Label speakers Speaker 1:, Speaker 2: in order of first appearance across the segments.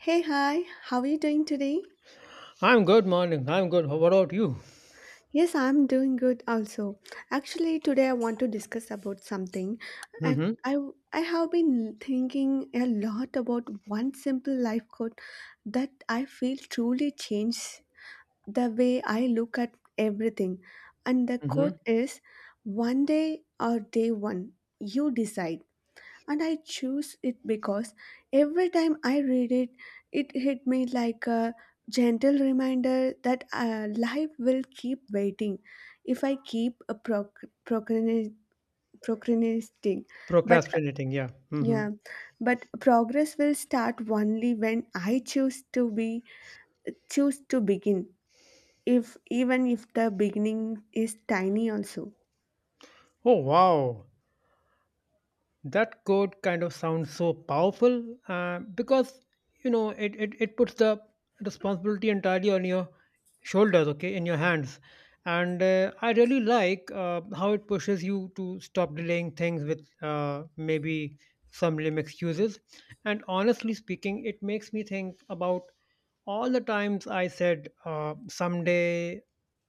Speaker 1: Hey, hi, how are you doing today?
Speaker 2: I'm good, morning. I'm good. How about you?
Speaker 1: Yes, I'm doing good also. Actually, today I want to discuss about something. I,
Speaker 2: Mm-hmm.
Speaker 1: I, I have been thinking a lot about one simple life quote that I feel truly changed the way I look at everything. And the
Speaker 2: Mm-hmm.
Speaker 1: quote is: One day or day one, you decide. And I choose it because every time I read it, it hit me like a gentle reminder that life will keep waiting if I keep procrastinating. But uh,
Speaker 2: Procrastinating, yeah. Mm-hmm.
Speaker 1: yeah, but progress will start only when I choose to begin, if even if the beginning is tiny, also.
Speaker 2: Oh wow. That quote kind of sounds so powerful because it puts the responsibility entirely on your shoulders, okay, in your hands. And I really like, how it pushes you to stop delaying things with, maybe some lame excuses. And honestly speaking, it makes me think about all the times I said, someday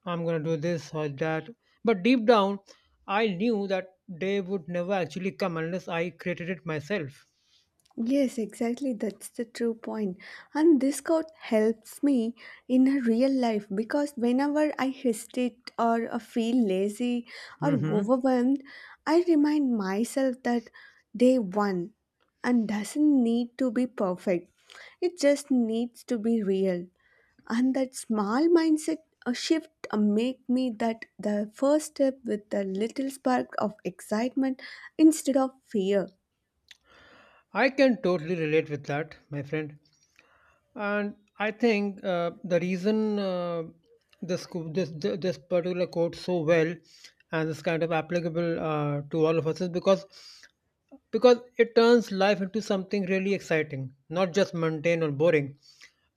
Speaker 2: I'm going to do this or that, but deep down I knew that day would never actually come unless I created it myself.
Speaker 1: Yes, exactly. That's the true point. And this quote helps me in a real life because whenever I hesitate or feel lazy or
Speaker 2: Hmm.
Speaker 1: overwhelmed, I remind myself that day one and doesn't need to be perfect. It just needs to be real. And that small mindset shift make me that the first step with a little spark of excitement instead of fear.
Speaker 2: I can totally relate with that, my friend. And I think, the reason, this, co- this th- this particular quote so well and is kind of applicable, to all of us is because it turns life into something really exciting, not just mundane or boring.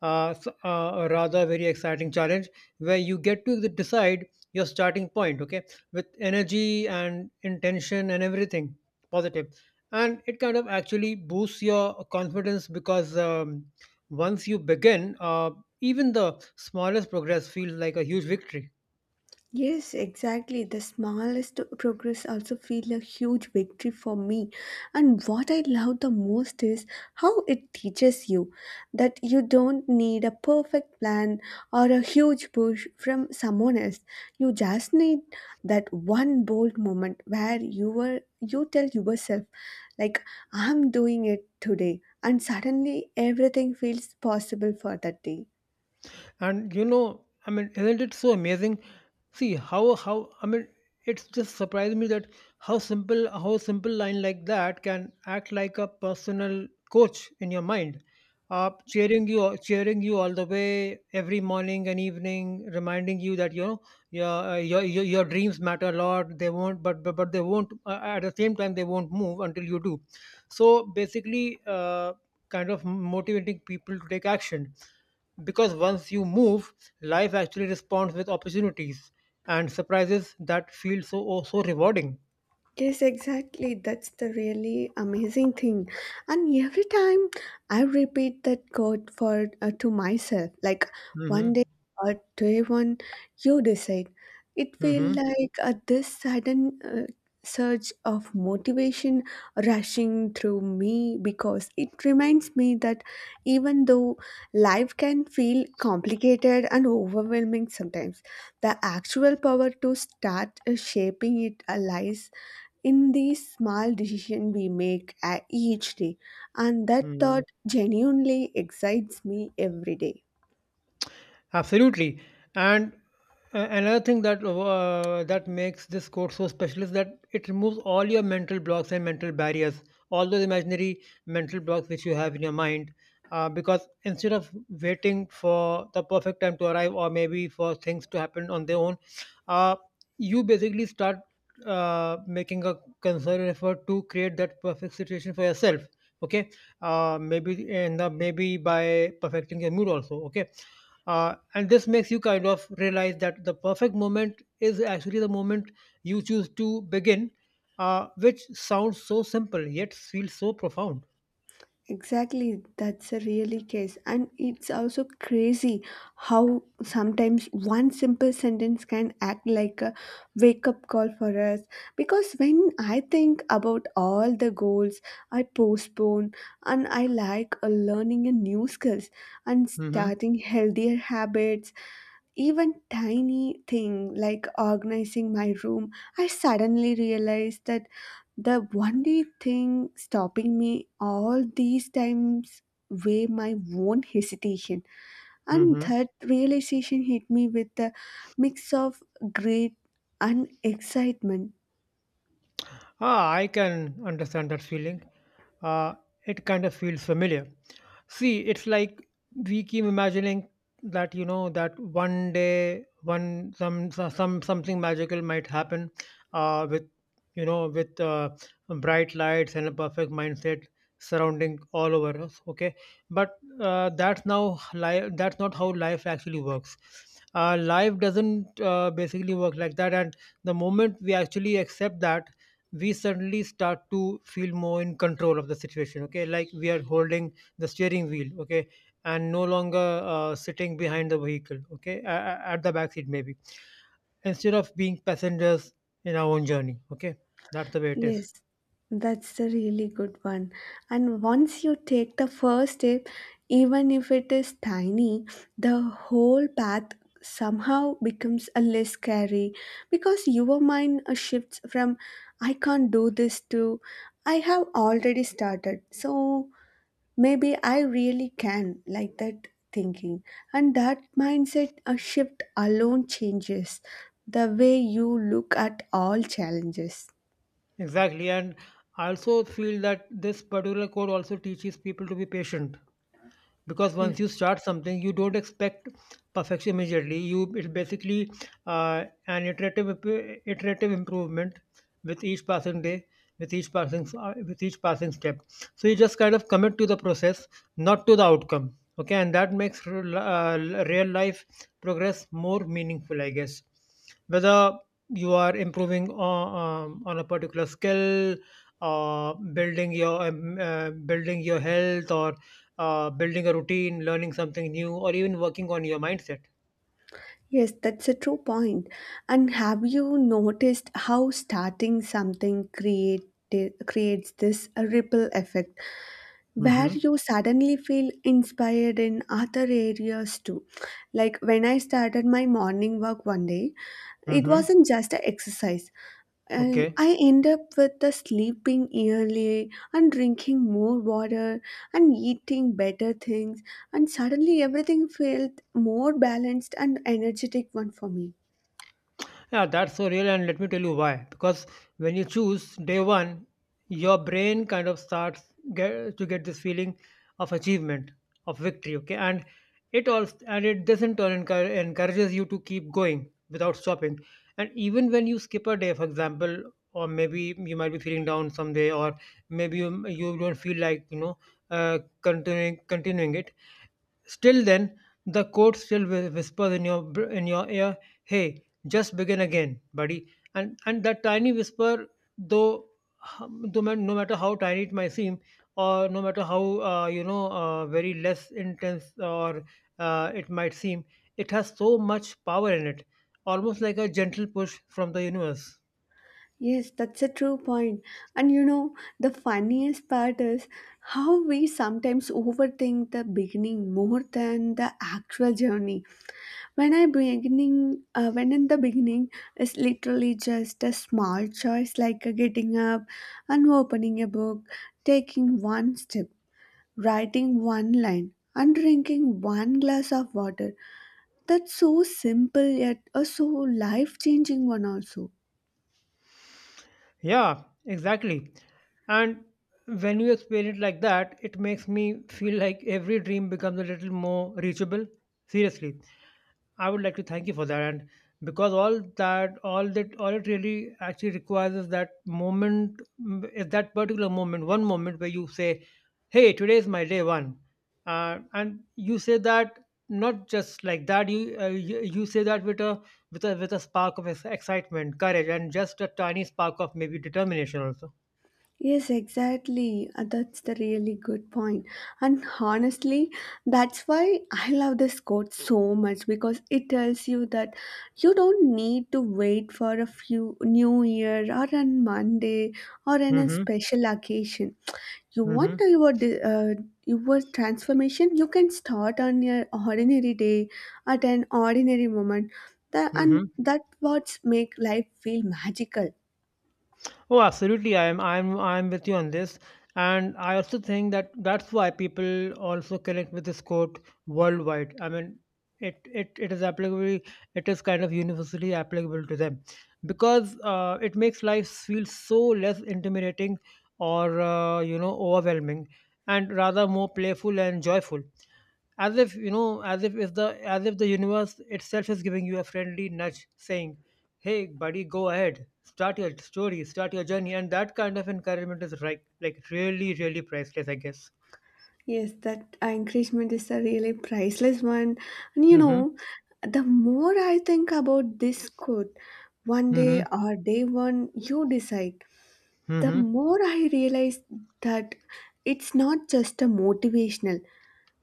Speaker 2: A rather very exciting challenge, where you get to decide your starting point, okay, with energy and intention and everything positive. And it kind of actually boosts your confidence, because, once you begin, even the smallest progress feels like a huge victory.
Speaker 1: Yes, exactly. The smallest progress also feel a huge victory for me. And what I love the most is how it teaches you that you don't need a perfect plan or a huge push from someone else. You just need that one bold moment where you tell yourself like I'm doing it today, and suddenly everything feels possible for that day.
Speaker 2: And you know, I mean, isn't it so amazing? See how, I mean, it's just surprised me that how simple line like that can act like a personal coach in your mind, cheering you all the way every morning and evening, reminding you that, you know, your, your dreams matter a lot. They won't, but they won't, at the same time they won't move until you do. So basically, kind of motivating people to take action, because once you move, life actually responds with opportunities and surprises that feel so, oh, so rewarding.
Speaker 1: Yes, exactly. That's the really amazing thing. And every time I repeat that quote for to myself, like one
Speaker 2: Mm-hmm.
Speaker 1: day or day one, you decide. It feel like this sudden surge of motivation rushing through me because it reminds me that even though life can feel complicated and overwhelming sometimes, the actual power to start shaping it lies in these small decisions we make each day, and that
Speaker 2: Mm-hmm.
Speaker 1: thought genuinely excites me every day.
Speaker 2: Absolutely. And another thing that makes this course so special is that it removes all your mental blocks and mental barriers, all those imaginary mental blocks which you have in your mind. Because instead of waiting for the perfect time to arrive, or maybe for things to happen on their own, uh, you basically start making a concerted effort to create that perfect situation for yourself. Okay, maybe, and maybe by perfecting your mood also. Okay, and this makes you kind of realize that the perfect moment is actually the moment you choose to begin, which sounds so simple yet feels so profound.
Speaker 1: Exactly, that's a really case, and it's also crazy how sometimes one simple sentence can act like a wake up call for us, because when I think about all the goals I postpone, and I like learning a new skills and starting healthier habits. Even tiny thing like organizing my room, I suddenly realized that the only thing stopping me all these times were my own hesitation. And
Speaker 2: Mm-hmm.
Speaker 1: that realization hit me with a mix of great and excitement.
Speaker 2: Ah, I can understand that feeling. Uh, it kind of feels familiar. See, it's like we keep imagining that, you know, that one day, one, something magical might happen, with, you know, with bright lights and a perfect mindset surrounding all over us. Okay, but that's now life. That's not how life actually works. Life doesn't, basically work like that, and the moment we actually accept that, we suddenly start to feel more in control of the situation, okay, like we are holding the steering wheel, okay, and no longer sitting behind the vehicle, okay, at the back seat maybe, instead of being passengers in our own journey, okay, that's the way it is.
Speaker 1: Yes, that's a really good one. And once you take the first step, even if it is tiny, the whole path somehow becomes a less scary because your mind shifts from I can't do this to I have already started. So maybe I really can, like that thinking. And that mindset shift alone changes the way you look at all challenges.
Speaker 2: Exactly, and I also feel that this particular code also teaches people to be patient, because
Speaker 1: Yeah.
Speaker 2: once you start something you don't expect perfection immediately. You It's basically, an iterative improvement, with each passing day, with each passing step. So you just kind of commit to the process, not to the outcome, okay. And that makes real life progress more meaningful, I guess, whether you are improving on a particular skill, or building your, building your health, or building a routine, learning something new, or even working on your mindset.
Speaker 1: Yes, that's a true point. And have you noticed how starting creates this ripple effect where
Speaker 2: Mm-hmm.
Speaker 1: you suddenly feel inspired in other areas too? Like when I started my morning work one day, it
Speaker 2: Mm-hmm.
Speaker 1: wasn't just an exercise, and
Speaker 2: Okay.
Speaker 1: I end up with the sleeping early and drinking more water and eating better things, and suddenly everything felt more balanced and energetic one for me.
Speaker 2: Yeah, that's so real, and let me tell you why. Because when you choose day one, your brain kind of starts to get this feeling of achievement, of victory. Okay, and it all and it doesn't turn encourages you to keep going without stopping. And even when you skip a day, for example, or maybe you might be feeling down someday, or maybe you don't feel like, you know, continuing it. Still then, the coach still whispers in your in your ear, "Hey, just begin again, buddy." And that tiny whisper, though, no matter how tiny it might seem, or no matter how, you know, very less intense, or it might seem, it has so much power in it, almost like a gentle push from the universe.
Speaker 1: Yes, that's a true point. And you know, the funniest part is how we sometimes overthink the beginning more than the actual journey. when i beginning when in the beginning, it's literally just a small choice, like getting up and opening a book, taking one step, writing one line, and drinking one glass of water. That's so simple yet a so life changing one also.
Speaker 2: Yeah, exactly. And when you explain it like that, it makes me feel like every dream becomes a little more reachable. Seriously. I would like to thank you for that. And because all it really actually requires is that moment, is that particular moment, one moment where you say, "Hey, today is my day one," and you say that not just like that. You say that with a spark of excitement, courage, and just a tiny spark of maybe determination also.
Speaker 1: Yes, exactly. That's the really good point. And honestly, that's why I love this quote so much because it tells you that you don't need to wait for a few new year or on Monday or in a
Speaker 2: Mm-hmm.
Speaker 1: special occasion. You want your your transformation, you can start on your ordinary day at an ordinary moment. That, and
Speaker 2: Mm-hmm.
Speaker 1: that what's make life feel magical.
Speaker 2: Oh, absolutely. I'm with you on this. And I also think that that's why people also connect with this quote worldwide. I mean, it is applicable. It is kind of universally applicable to them, because it makes life feel so less intimidating, or you know, overwhelming, and rather more playful and joyful. As if, you know, as if the universe itself is giving you a friendly nudge, saying, "Hey buddy, go ahead, start your story, start your journey." And that kind of encouragement is like really priceless, I guess.
Speaker 1: Yes, that encouragement is a really priceless one. And you
Speaker 2: Mm-hmm.
Speaker 1: know, the more I think about this quote, one
Speaker 2: Mm-hmm.
Speaker 1: day or day one, you decide, the
Speaker 2: Mm-hmm.
Speaker 1: more I realize that it's not just a motivational,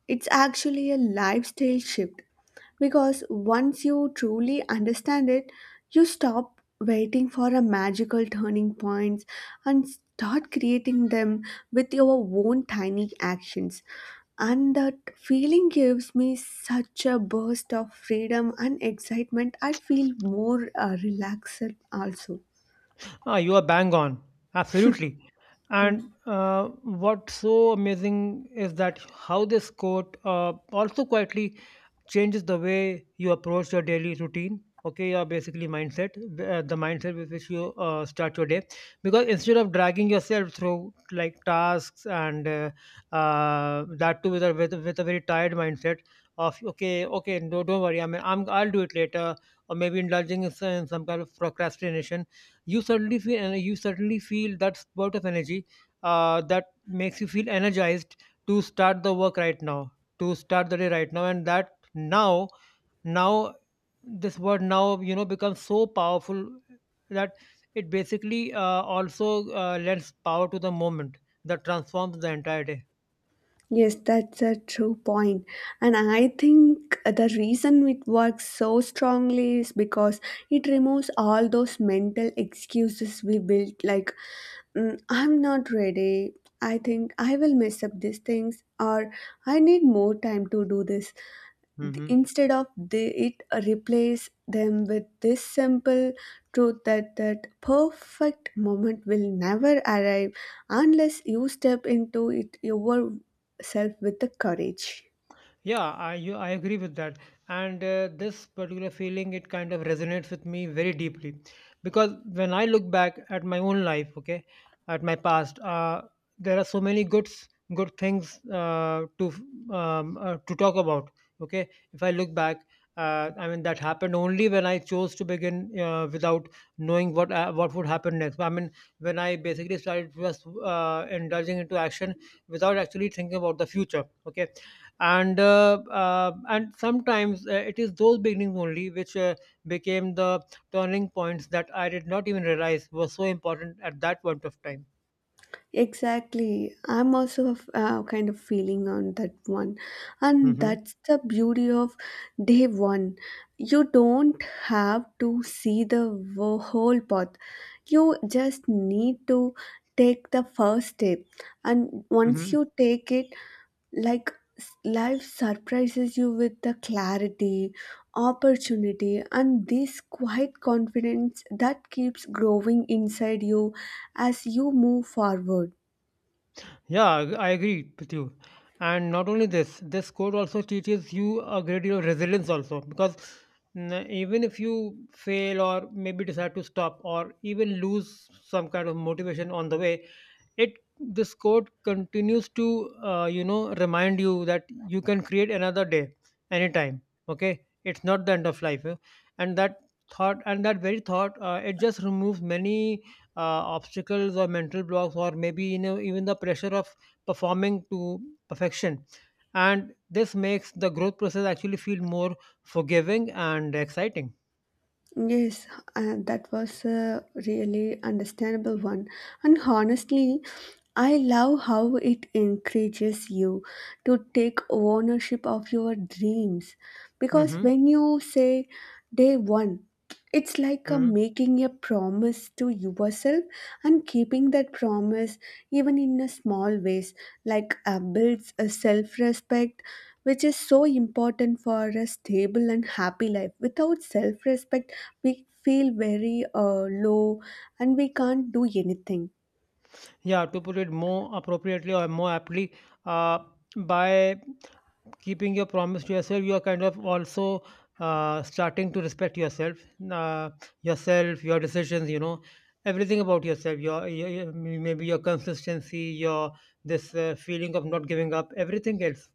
Speaker 1: it's actually a lifestyle shift, because once you truly understand it, you stop waiting for a magical turning points and start creating them with your own tiny actions. And that feeling gives me such a burst of freedom and excitement. I feel more relaxed also.
Speaker 2: Ah, you are bang on, absolutely.
Speaker 1: Yeah.
Speaker 2: And what's so amazing is that how this quote, also quietly changes the way you approach your daily routine, okay, your basically mindset, the mindset with which you start your day. Because instead of dragging yourself through like tasks, and that too with with a very tired mindset of, okay, okay, no, don't worry, I mean, I'll do it later, or maybe indulging in some kind of procrastination. You suddenly feel that spurt of energy, that makes you feel energized to start the work right now, to start the day right now. And that, now now, this word now, you know, becomes so powerful that it basically, also lends power to the moment that transforms the entire day.
Speaker 1: Yes, that's a true point. And I think the reason it works so strongly is because it removes all those mental excuses we built, like, "Mm, I'm not ready, I think I will mess up these things, or I need more time to do this."
Speaker 2: Hmm.
Speaker 1: Instead of they, it replace them with this simple truth, that that perfect moment will never arrive unless you step into it yourself with the courage.
Speaker 2: Yeah, I agree with that, and this particular feeling, it kind of resonates with me very deeply, because when I look back at my own life, okay, at my past, there are so many good things, to, to talk about. Okay, if I look back, I mean that happened only when I chose to begin, without knowing what would happen next. I mean, when I basically started just indulging into action without actually thinking about the future. Okay, and sometimes, it is those beginnings only which, became the turning points that I did not even realize were so important at that point of time.
Speaker 1: Exactly. I'm also of, kind of feeling on that one. And
Speaker 2: Mm-hmm.
Speaker 1: that's the beauty of day one. You don't have to see the whole path. You just need to take the first step. And once
Speaker 2: Mm-hmm.
Speaker 1: you take it, life surprises you with the clarity, opportunity, and this quiet confidence that keeps growing inside you as you move forward.
Speaker 2: Yeah, I agree with you. And not only this, this code also teaches you a great deal of resilience also, because, even if you fail, or maybe decide to stop, or even lose some kind of motivation on the way, it this quote continues to, you know, remind you that you can create another day anytime. Okay, it's not the end of life, eh? and that and that very thought, it just removes many, uh, obstacles, or mental blocks, or maybe, you know, even the pressure of performing to perfection. And this makes the growth process actually feel more forgiving and exciting.
Speaker 1: Yes, that was a really understandable one. And honestly, I love how it encourages you to take ownership of your dreams. Because
Speaker 2: Hmm.
Speaker 1: when you say day one, it's like a
Speaker 2: Hmm.
Speaker 1: making a promise to yourself, and keeping that promise even in a small ways, like builds a self-respect, which is so important for a stable and happy life. Without self-respect, we feel very low, and we can't do anything.
Speaker 2: Yeah, to put it more appropriately, or more aptly, uh, by keeping your promise to yourself, you are kind of also, starting to respect yourself, uh, your decisions. You know, everything about yourself. Your maybe your consistency, your this feeling of not giving up, everything else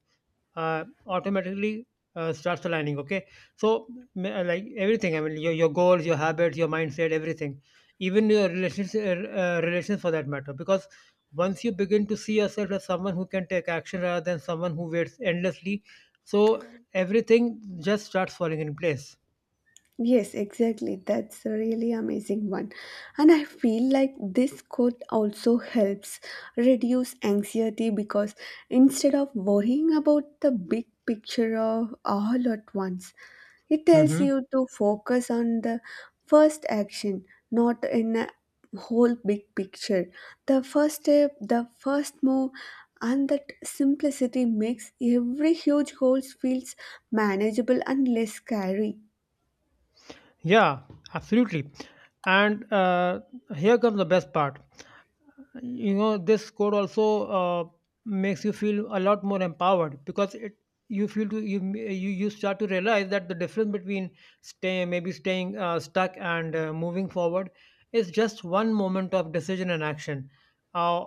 Speaker 2: automatically starts aligning, okay? So like everything, I mean your goals, your habits, your mindset, everything, even your relations, relations for that matter, because once you begin to see yourself as someone who can take action rather than someone who waits endlessly, so everything just starts falling in place.
Speaker 1: Yes, exactly. That's a really amazing one. And I feel like this quote also helps reduce anxiety, because instead of worrying about the big picture of all at once, it tells
Speaker 2: Hmm.
Speaker 1: you to focus on the first action, not in a whole big picture. The first step, the first move, and that simplicity makes every huge goal feels manageable and less scary.
Speaker 2: Yeah, absolutely. And here comes the best part. You know, this code also makes you feel a lot more empowered because it you feel to you you, you start to realize that the difference between stay maybe staying stuck and moving forward is just one moment of decision and action, uh,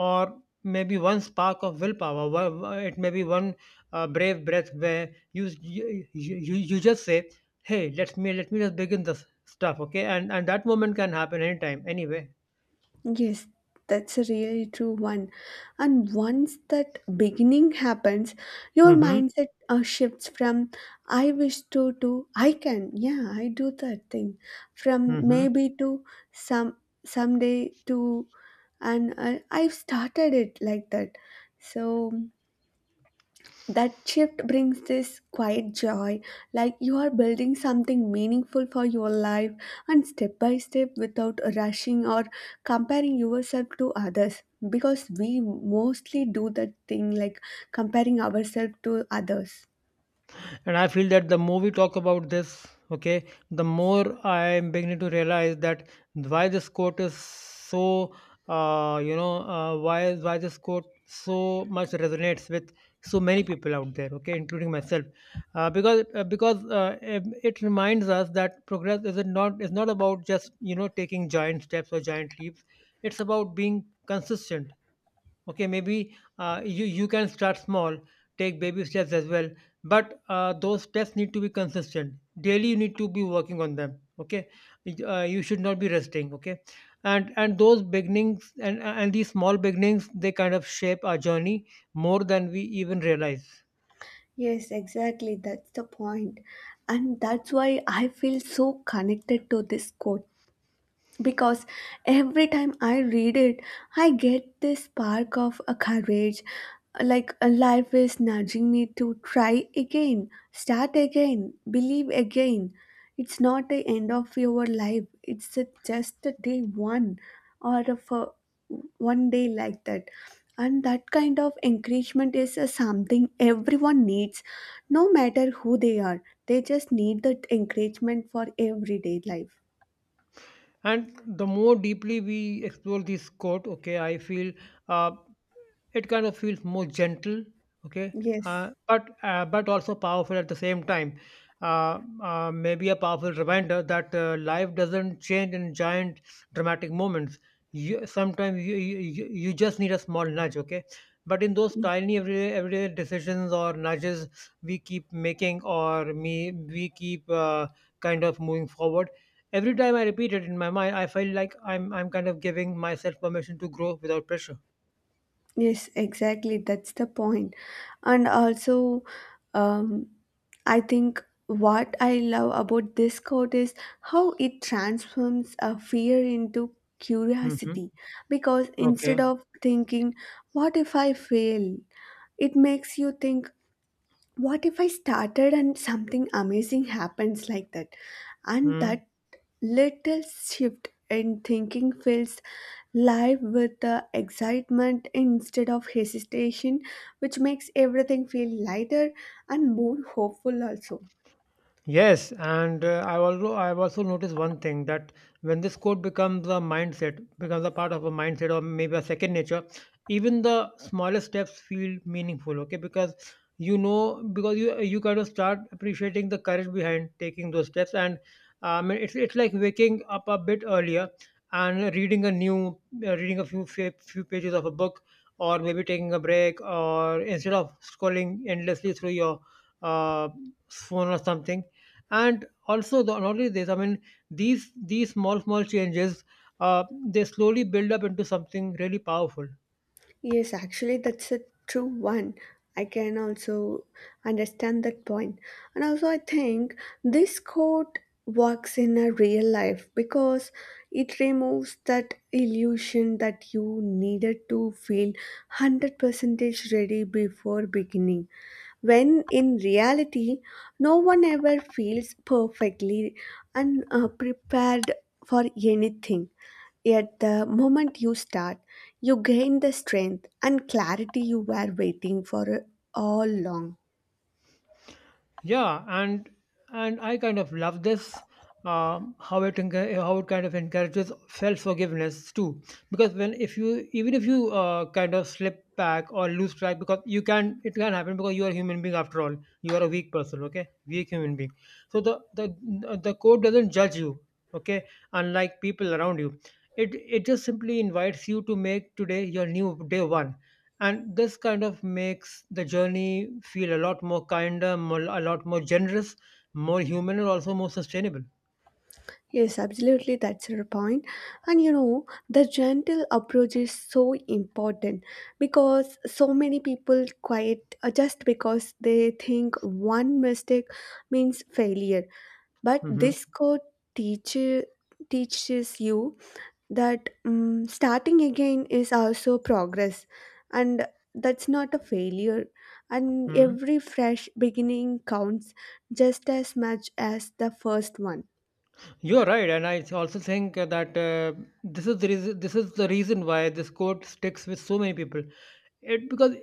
Speaker 2: or maybe one spark of willpower. It may be one brave breath where you just say, "Hey, let me just begin this stuff," okay? And that moment can happen anytime anyway.
Speaker 1: Yes, that's a really true one. And once that beginning happens, your
Speaker 2: Mm-hmm.
Speaker 1: mindset shifts from I wish to I can. Yeah, I do that thing. From maybe to some someday to and I've started it like that. So that shift brings this quiet joy, like you are building something meaningful for your life, and step by step without rushing or comparing yourself to others, because we mostly do that thing like comparing ourselves to others.
Speaker 2: And I feel that the more we talk about this, okay, the more I am beginning to realize that why this quote is so why this quote so much resonates with so many people out there, okay, including myself, because it reminds us that progress is not about just, you know, taking giant steps or giant leaps. It's about being consistent. Okay, maybe you you can start small, take baby steps as well, but those steps need to be consistent. Daily you need to be working on them, okay. You should not be resting, okay. And those beginnings, and these small beginnings, they kind of shape our journey more than we even realize.
Speaker 1: Yes, exactly, that's the point. And that's why I feel so connected to this quote, because every time I read it, I get this spark of a courage, like a life is nudging me to try again, start again, believe again. It's not the end of your life; it's just a day one, or a for one day like that. And that kind of encouragement is a something everyone needs, no matter who they are. They just need that encouragement for everyday life.
Speaker 2: And the more deeply we explore this quote, okay, I feel uh, it kind of feels more gentle, okay,
Speaker 1: Yes.
Speaker 2: but also powerful at the same time. Maybe a powerful reminder that life doesn't change in giant dramatic moments. Sometimes you just need a small nudge, okay. But in those tiny everyday decisions or nudges we keep making, or me we keep kind of moving forward. Every time I repeat it in my mind, I feel like I'm kind of giving myself permission to grow without pressure.
Speaker 1: Yes, exactly. That's the point. And also, um, I think what I love about this quote is how it transforms a fear into
Speaker 2: Mm-hmm.
Speaker 1: curiosity. Because instead
Speaker 2: Okay.
Speaker 1: of thinking, what if I fail? It makes you think, what if I started and something amazing happens like that? And
Speaker 2: Hmm.
Speaker 1: that little shift in thinking fills life with excitement instead of hesitation, which makes everything feel lighter and more hopeful, also.
Speaker 2: Yes, and I've also noticed one thing, that when this code becomes a mindset, becomes a part of a mindset or maybe a second nature, even the smallest steps feel meaningful. Okay, because, you know, because you kind of start appreciating the courage behind taking those steps. And it's like waking up a bit earlier and reading a new reading a few few pages of a book, or maybe taking a break, or instead of scrolling endlessly through your uh, phone or something. And also the, not only this, I mean these small small changes they slowly build up into something really powerful.
Speaker 1: Yes, actually, that's a true one. I can also understand that point. And also, I think this quote works in a real life because it removes that illusion that you needed to feel 100% ready before beginning, when in reality no one ever feels perfectly unprepared for anything, yet the moment you start you gain the strength and clarity you were waiting for all along.
Speaker 2: Yeah, and I kind of love this, how it how it kind of encourages self forgiveness too. Because when, if you, even if you kind of slip back or lose track, because you can, it can happen, because you are a human being after all. You are a weak person, okay, weak human being. So the code doesn't judge you, okay, unlike people around you. It just simply invites you to make today your new day one. And this kind of makes the journey feel a lot more kinder, more, a lot more generous, more human, and also more sustainable.
Speaker 1: Yes, absolutely, that's your point. And you know, the gentle approach is so important, because so many people quite just because they think one mistake means failure. But
Speaker 2: Hmm.
Speaker 1: this code teach, teaches you that starting again is also progress, and that's not a failure, and every fresh beginning counts just as much as the first one.
Speaker 2: You're right, and I also think that this is the reason, this is the reason why this quote sticks with so many people. It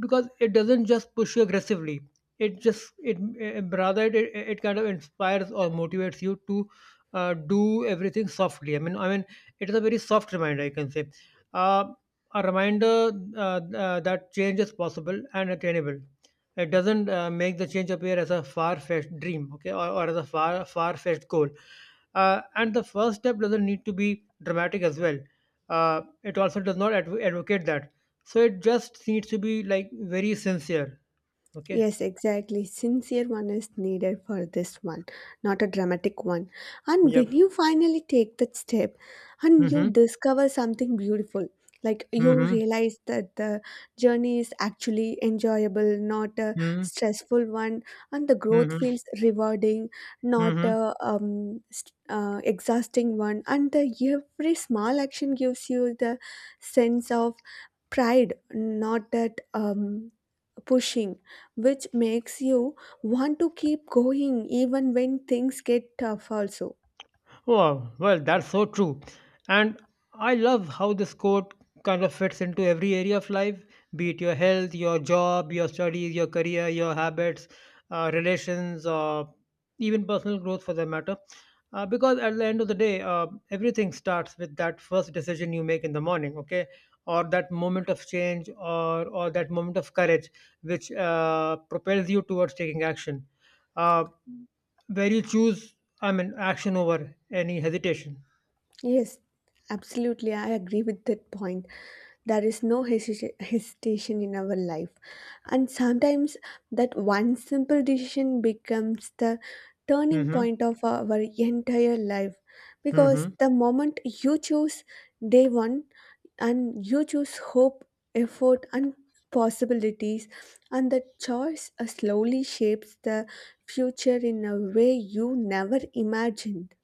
Speaker 2: because it doesn't just push you aggressively. It just it eh, Rather it, it it kind of inspires or motivates you to do everything softly. I mean, it is a very soft reminder, I can say, uh, a reminder that change is possible and attainable. It doesn't make the change appear as a far-fetched dream, okay, or as a far far-fetched goal. And the first step doesn't need to be dramatic as well. It also does not advocate that. So it just needs to be like very sincere, okay.
Speaker 1: Yes, exactly. Sincere one is needed for this one, not a dramatic one. And when
Speaker 2: Yep.
Speaker 1: you finally take that step and you
Speaker 2: Mm-hmm.
Speaker 1: discover something beautiful, like you
Speaker 2: Mm-hmm.
Speaker 1: realize that the journey is actually enjoyable, not a
Speaker 2: Mm-hmm.
Speaker 1: stressful one, and the growth feels rewarding, not
Speaker 2: Mm-hmm.
Speaker 1: a exhausting one. And the, every small action gives you the sense of pride, not that. Pushing, which makes you want to keep going even when things get tough, also.
Speaker 2: Oh well, that's so true. And I love how this quote kind of fits into every area of life, be it your health, your job, your studies, your career, your habits, relations, or even personal growth for that matter. Because at the end of the day, everything starts with that first decision you make in the morning, okay? Or that moment of change, or that moment of courage, which propels you towards taking action. Uh, where you choose, I mean, action over any hesitation.
Speaker 1: Yes, absolutely. I agree with that point. There is no hesitation in our life. And sometimes that one simple decision becomes the turning
Speaker 2: Hmm.
Speaker 1: point of our entire life. Because
Speaker 2: Hmm.
Speaker 1: the moment you choose day one and you choose hope, effort, and possibilities, and the choice slowly shapes the future in a way you never imagined.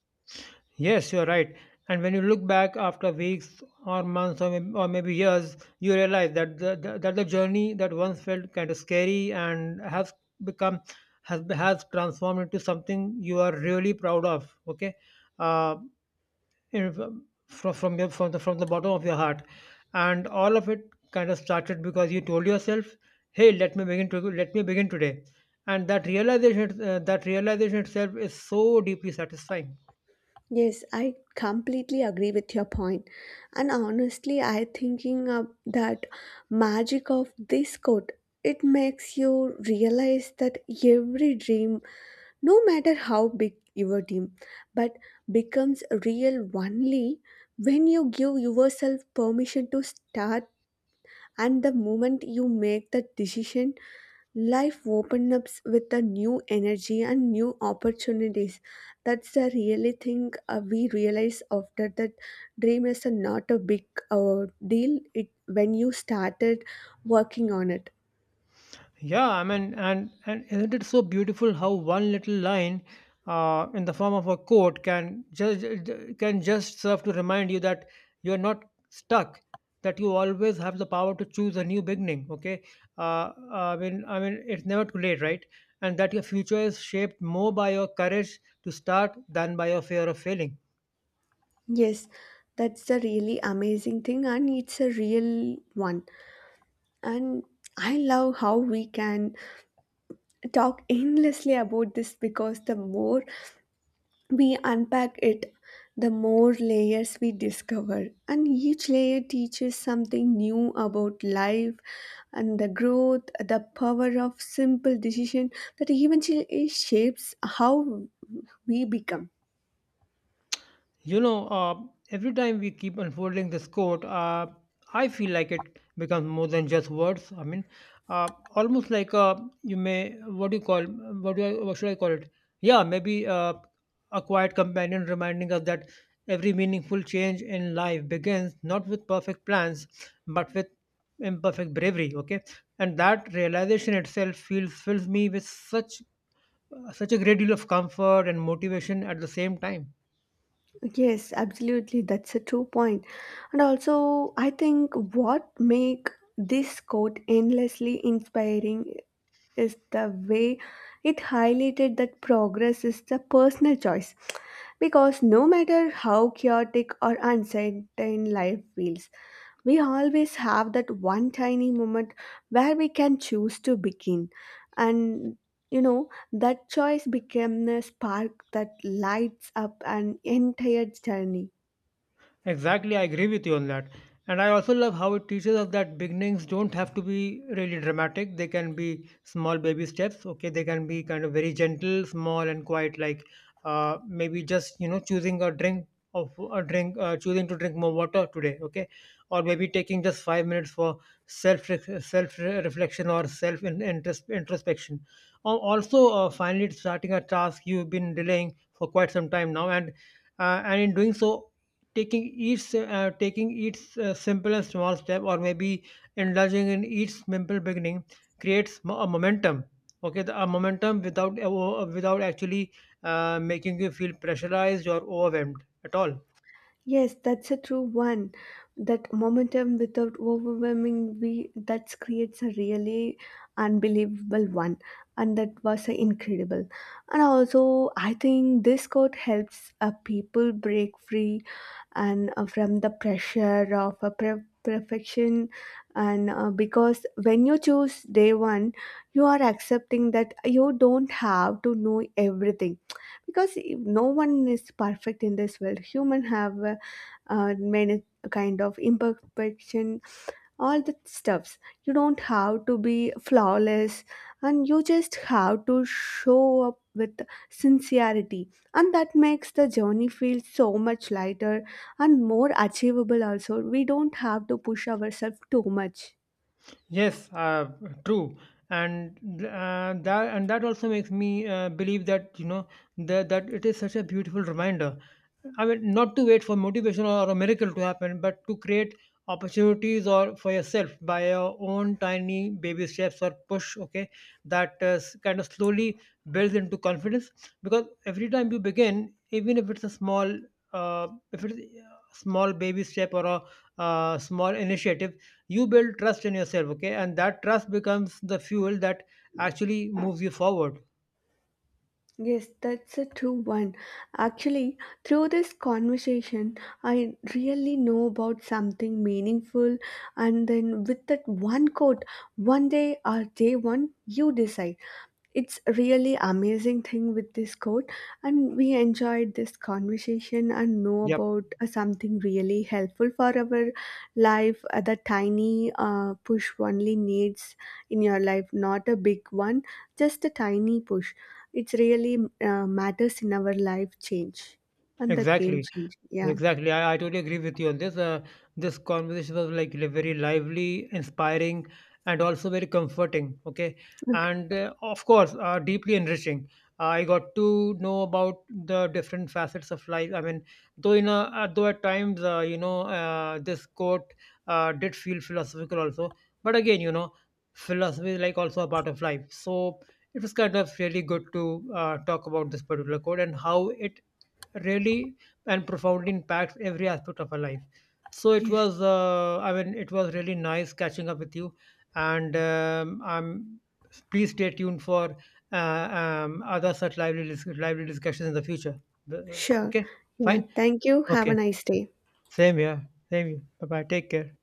Speaker 2: Yes, you're right. And when you look back after weeks or months or maybe years, you realize that the journey that once felt kind of scary and has become has transformed into something you are really proud of. Okay, uh, you know, from the bottom of your heart, and all of it kind of started because you told yourself, "Hey, let me begin today," and that realization itself is so deeply satisfying.
Speaker 1: Yes, I completely agree with your point. And honestly, I thinking of that magic of this quote. It makes you realize that every dream, no matter how big your dream, but becomes real only when you give yourself permission to start, and the moment you make that decision life opened up with a new energy and new opportunities. That's the really thing we realize after that. Dream is a not a big deal it when you started working on it.
Speaker 2: Yeah, I mean, and isn't it so beautiful how one little line, in the form of a quote, can just serve to remind you that you are not stuck, that you always have the power to choose a new beginning. Okay, I mean, it's never too late, right? And that your future is shaped more by your courage to start than by your fear of failing.
Speaker 1: Yes, that's the really amazing thing, and it's a real one. And I love how we can talk endlessly about this, because the more we unpack it, the more layers we discover, and each layer teaches something new about life and the growth, the power of simple decision that eventually shapes how we become.
Speaker 2: You know, every time we keep unfolding this quote, I feel like it becomes more than just words. I mean, almost like you may, what do you call, what do I, what should I call it? Yeah, maybe a quiet companion reminding us that every meaningful change in life begins not with perfect plans, but with imperfect bravery. Okay, and that realization itself feels fills me with such such a great deal of comfort and motivation at the same time.
Speaker 1: Yes, absolutely. That's a true point. And also, I think what make this quote endlessly inspiring is the way it highlighted that progress is the personal choice. Because no matter how chaotic or uncertain life feels, we always have that one tiny moment where we can choose to begin. And you know, that choice became a spark that lights up an entire journey.
Speaker 2: Exactly, I agree with you on that. And I also love how it teaches us that beginnings don't have to be really dramatic. They can be small baby steps. Okay, they can be kind of very gentle, small, and quiet. Like maybe just, you know, choosing a drink, choosing to drink more water today. Okay, or maybe taking just 5 minutes for self self reflection or self introspection. Also, finally starting a task you've been delaying for quite some time now, and in doing so, taking taking each simple and small step, or maybe indulging in each simple beginning, creates a momentum, okay, a momentum without without actually making you feel pressurized or overwhelmed at all.
Speaker 1: Yes, that's a true one. That momentum without overwhelming we that creates a really unbelievable one, and that was incredible. And also, I think this quote helps people break free and from the pressure of a perfection, and because when you choose day one, you are accepting that you don't have to know everything, because no one is perfect in this world. Human have many kind of imperfection, all the stuffs. You don't have to be flawless, and you just have to show up with sincerity, and that makes the journey feel so much lighter and more achievable also. We don't have to push ourselves too much.
Speaker 2: Yes, true, and that also makes me believe that, you know, that that it is such a beautiful reminder. I mean, not to wait for motivation or a miracle to happen, but to create opportunities or for yourself by your own tiny baby steps or push. Okay, that kind of slowly builds into confidence, because every time you begin, even if it's a small, if it's a small baby step or a small initiative, you build trust in yourself, okay, and that trust becomes the fuel that actually moves you forward.
Speaker 1: Yes, that's a true one. Actually, through this conversation I really know about something meaningful, and then with that one quote, one day or day one, you decide. It's really amazing thing with this quote, and we enjoyed this conversation and know
Speaker 2: Yep.
Speaker 1: about something really helpful for our life. The tiny push only needs in your life, not a big one, just a tiny push. It's really matters in our life change, and the game
Speaker 2: Exactly.
Speaker 1: change. Yeah.
Speaker 2: Exactly. I totally agree with you on this. This conversation was like very lively, inspiring, and also very comforting. Okay.
Speaker 1: Okay.
Speaker 2: And of course, deeply enriching. I got to know about the different facets of life. I mean, though you know, though at times, you know, this quote did feel philosophical also. But again, you know, philosophy is like also a part of life. So it was kind of really good to talk about this particular quote and how it really and profoundly impacts every aspect of our life. So it
Speaker 1: Yes.
Speaker 2: was, I mean, it was really nice catching up with you, and I'm please stay tuned for other such lively lively discussions in the future. Uh,
Speaker 1: Sure.
Speaker 2: Okay,
Speaker 1: Yeah,
Speaker 2: fine.
Speaker 1: thank you, have a
Speaker 2: Okay,
Speaker 1: nice day.
Speaker 2: same here. Same here. Bye bye. Take care.